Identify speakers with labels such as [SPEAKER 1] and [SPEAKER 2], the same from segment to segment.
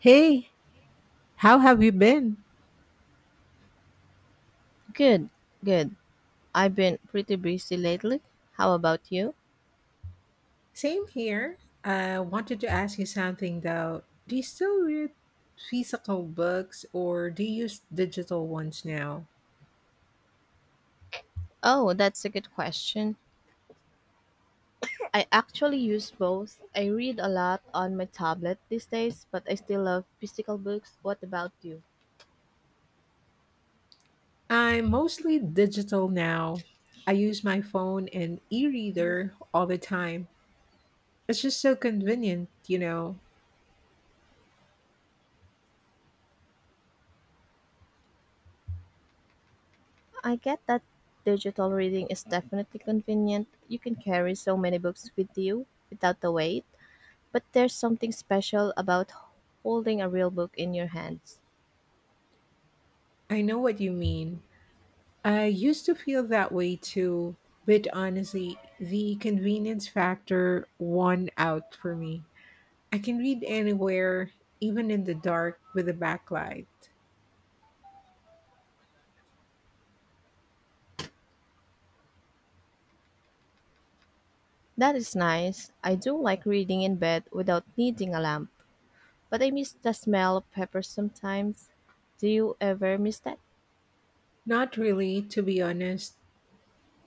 [SPEAKER 1] Hey, how have you been?
[SPEAKER 2] Good, good. I've been pretty busy lately. How about you?
[SPEAKER 1] Same here. I wanted to ask you something though. Do you still read physical books or do you use digital ones now?
[SPEAKER 2] Oh, that's a good question. I actually use both. I read a lot on my tablet these days, but I still love physical books. What about you?
[SPEAKER 1] I'm mostly digital now. I use my phone and e reader all the time. It's just so convenient.
[SPEAKER 2] I get that digital reading is definitely convenient. You can carry so many books with you without the weight, but there's something special about holding a real book in your hands.
[SPEAKER 1] I know what you mean. I used to feel that way too, but honestly, the convenience factor won out for me. I can read anywhere, even in the dark with a backlight.
[SPEAKER 2] That is nice. I do like reading in bed without needing a lamp. But I miss the smell of pepper sometimes. Do you ever miss that?
[SPEAKER 1] Not really, to be honest.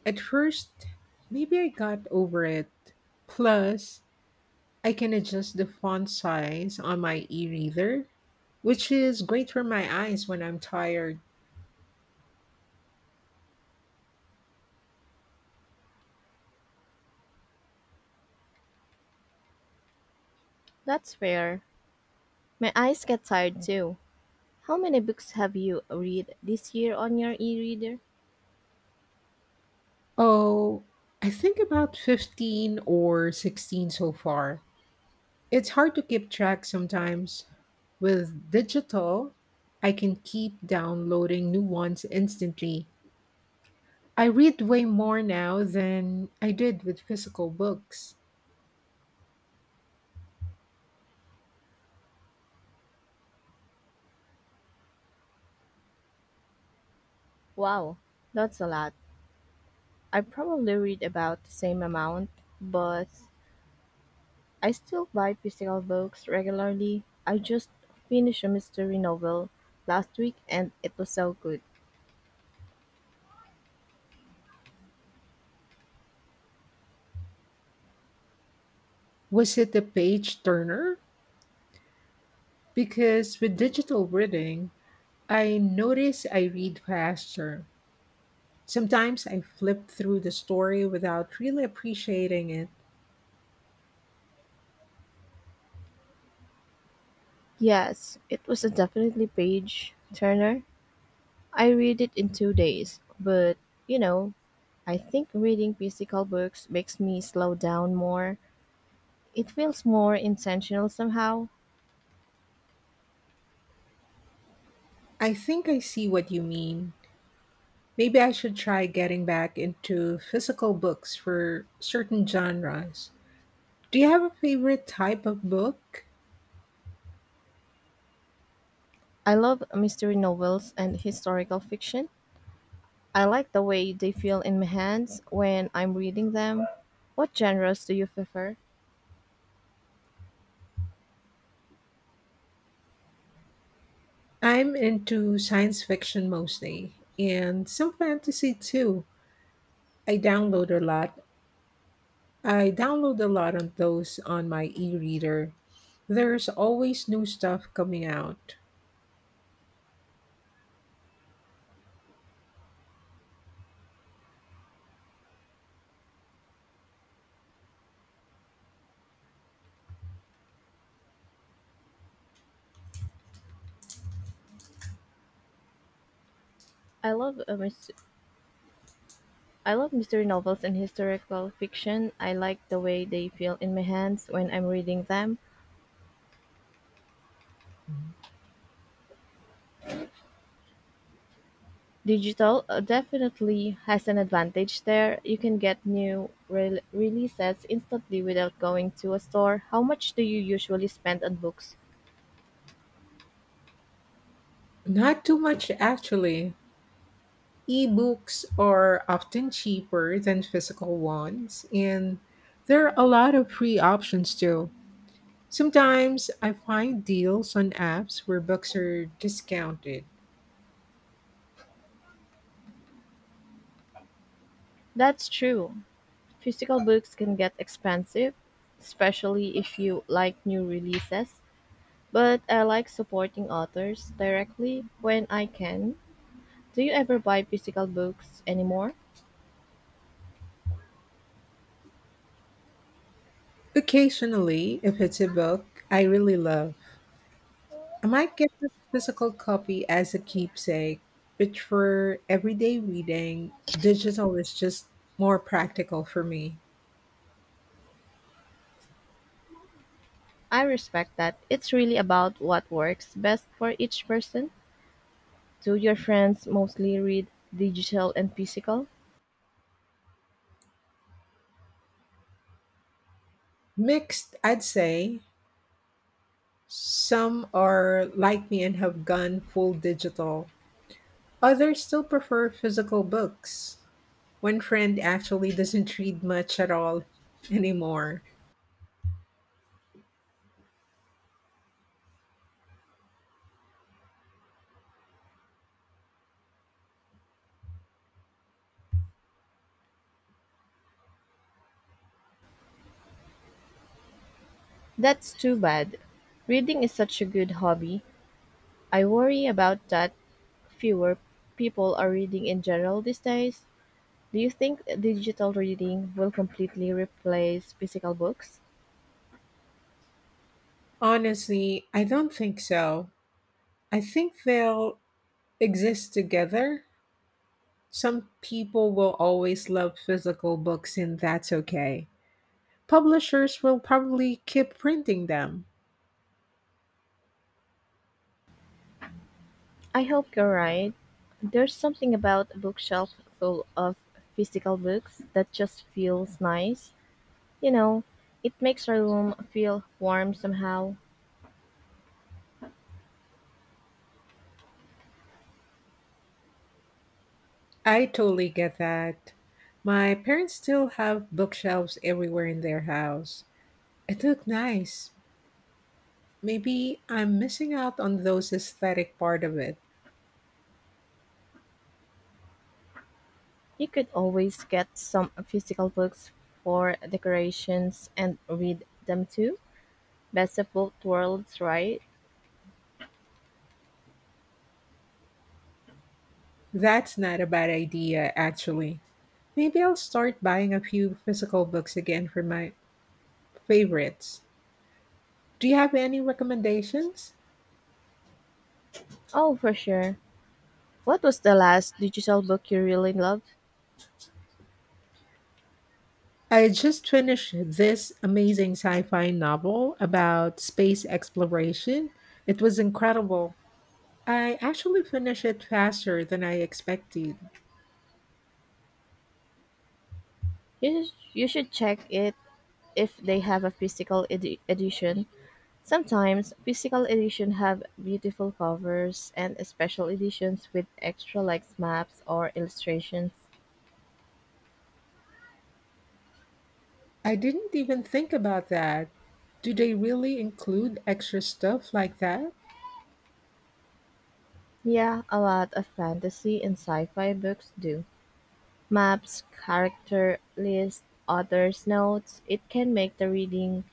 [SPEAKER 1] At first, maybe I got over it. Plus, I can adjust the font size on my e reader, which is great for my eyes when I'm tired.
[SPEAKER 2] That's fair. My eyes get tired too. How many books have you read this year on your e-reader?
[SPEAKER 1] Oh, I think about 15 or 16 so far. It's hard to keep track sometimes. With digital, I can keep downloading new ones instantly. I read way more now than I did with physical books.
[SPEAKER 2] Wow, that's a lot. I probably read about the same amount, but I still buy physical books regularly. I just finished a mystery novel last week and it was so good.
[SPEAKER 1] Was it a page turner? Because with digital reading, I notice I read faster. Sometimes I flip through the story without really appreciating it.
[SPEAKER 2] Yes, it was a definitely page turner. I read it in 2 days, but you know, I think reading physical books makes me slow down more. It feels more intentional somehow.
[SPEAKER 1] I think I see what you mean. Maybe I should try getting back into physical books for certain genres. Do you have a favorite type of book?
[SPEAKER 2] I love mystery novels and historical fiction. I like the way they feel in my hands when I'm reading them. What genres do you prefer?
[SPEAKER 1] I'm into science fiction mostly and some fantasy too. I download a lot. I download a lot of those on my e-reader. There's always new stuff coming out.
[SPEAKER 2] I love uh, mys- I love mystery novels and historical fiction. I like the way they feel in my hands when I'm reading them. Digital definitely has an advantage there. You can get new releases instantly without going to a store. How much do you usually spend on books?
[SPEAKER 1] Not too much actually. Ebooks are often cheaper than physical ones and there are a lot of free options too. Sometimes I find deals on apps where books are discounted.
[SPEAKER 2] That's true. Physical books can get expensive, especially if you like new releases, but I like supporting authors directly when I can. Do you ever buy physical books anymore?
[SPEAKER 1] Occasionally, if it's a book I really love, I might get a physical copy as a keepsake, but for everyday reading, digital is just more practical for me.
[SPEAKER 2] I respect that. It's really about what works best for each person. Do your friends mostly read digital and physical?
[SPEAKER 1] Mixed, I'd say. Some are like me and have gone full digital. Others still prefer physical books. One friend actually doesn't read much at all anymore.
[SPEAKER 2] That's too bad. Reading is such a good hobby. I worry about that fewer people are reading in general these days. Do you think digital reading will completely replace physical books?
[SPEAKER 1] Honestly, I don't think so. I think they'll exist together. Some people will always love physical books, and that's okay. Publishers will probably keep printing them.
[SPEAKER 2] I hope you're right. There's something about a bookshelf full of physical books that just feels nice. You know, it makes a room feel warm somehow.
[SPEAKER 1] I totally get that. My parents still have bookshelves everywhere in their house. It looked nice. Maybe I'm missing out on those aesthetic part of it.
[SPEAKER 2] You could always get some physical books for decorations and read them too. Best of both worlds, right?
[SPEAKER 1] That's not a bad idea, actually. Maybe I'll start buying a few physical books again for my favorites. Do you have any recommendations?
[SPEAKER 2] Oh, for sure. What was the last digital book you really loved?
[SPEAKER 1] I just finished this amazing sci fi novel about space exploration. It was incredible. I actually finished it faster than I expected.
[SPEAKER 2] You should check it if they have a physical edition. Sometimes physical edition have beautiful covers and special editions with extra like maps or illustrations.
[SPEAKER 1] I didn't even think about that. Do they really include extra stuff like that?
[SPEAKER 2] Yeah, a lot of fantasy and sci-fi books do. Maps, character lists, author's notes. It can make the reading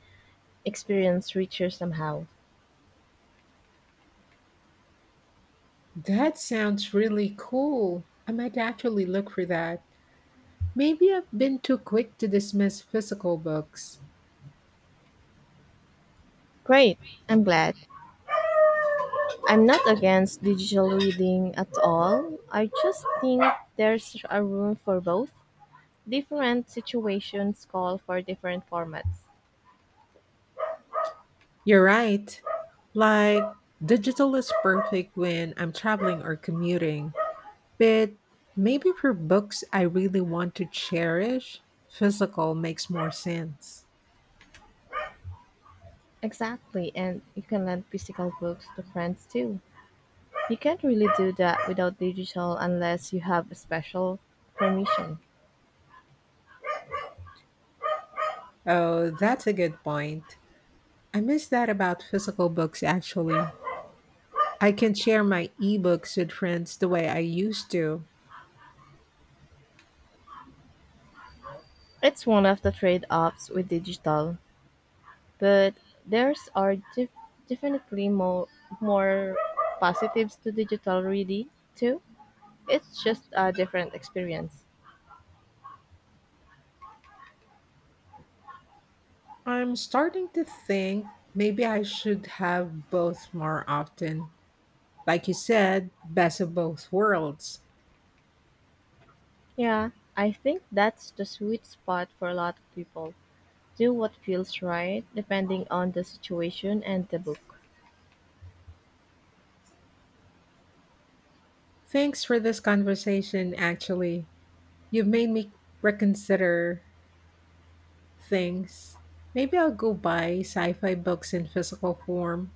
[SPEAKER 2] experience richer somehow.
[SPEAKER 1] That sounds really cool. I might actually look for that. Maybe I've been too quick to dismiss physical books.
[SPEAKER 2] Great. I'm glad. I'm not against digital reading at all. I just think there's a room for both. Different situations call for different formats.
[SPEAKER 1] You're right. Like, digital is perfect when I'm traveling or commuting, but maybe for books I really want to cherish, physical makes more sense.
[SPEAKER 2] Exactly, and you can lend physical books to friends too. You can't really do that without digital unless you have special permission.
[SPEAKER 1] Oh, that's a good point. I miss that about physical books, actually. I can share my ebooks with friends the way I used to.
[SPEAKER 2] It's one of the trade offs with digital, but there's are def- definitely more positives to digital reading too. It's just a different experience.
[SPEAKER 1] I'm starting to think maybe I should have both more often. Like you said, best of both worlds.
[SPEAKER 2] Yeah, I think that's the sweet spot for a lot of people. Do what feels right depending on the situation and the book.
[SPEAKER 1] Thanks for this conversation, actually. You've made me reconsider things. Maybe I'll go buy sci fi books in physical form.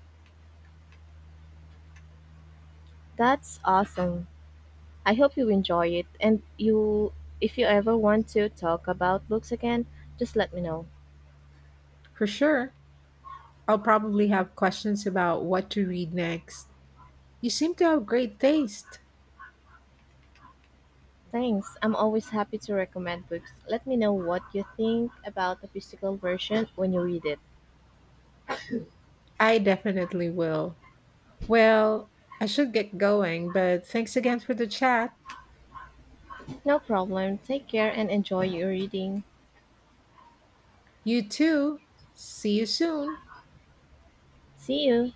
[SPEAKER 2] That's awesome. I hope you enjoy it, and you if you ever want to talk about books again, just let me know.
[SPEAKER 1] For sure. I'll probably have questions about what to read next. You seem to have great taste.
[SPEAKER 2] Thanks. I'm always happy to recommend books. Let me know what you think about the physical version when you read it.
[SPEAKER 1] I definitely will. Well, I should get going, but thanks again for the chat.
[SPEAKER 2] No problem. Take care and enjoy your reading.
[SPEAKER 1] You too. See you soon.
[SPEAKER 2] See you.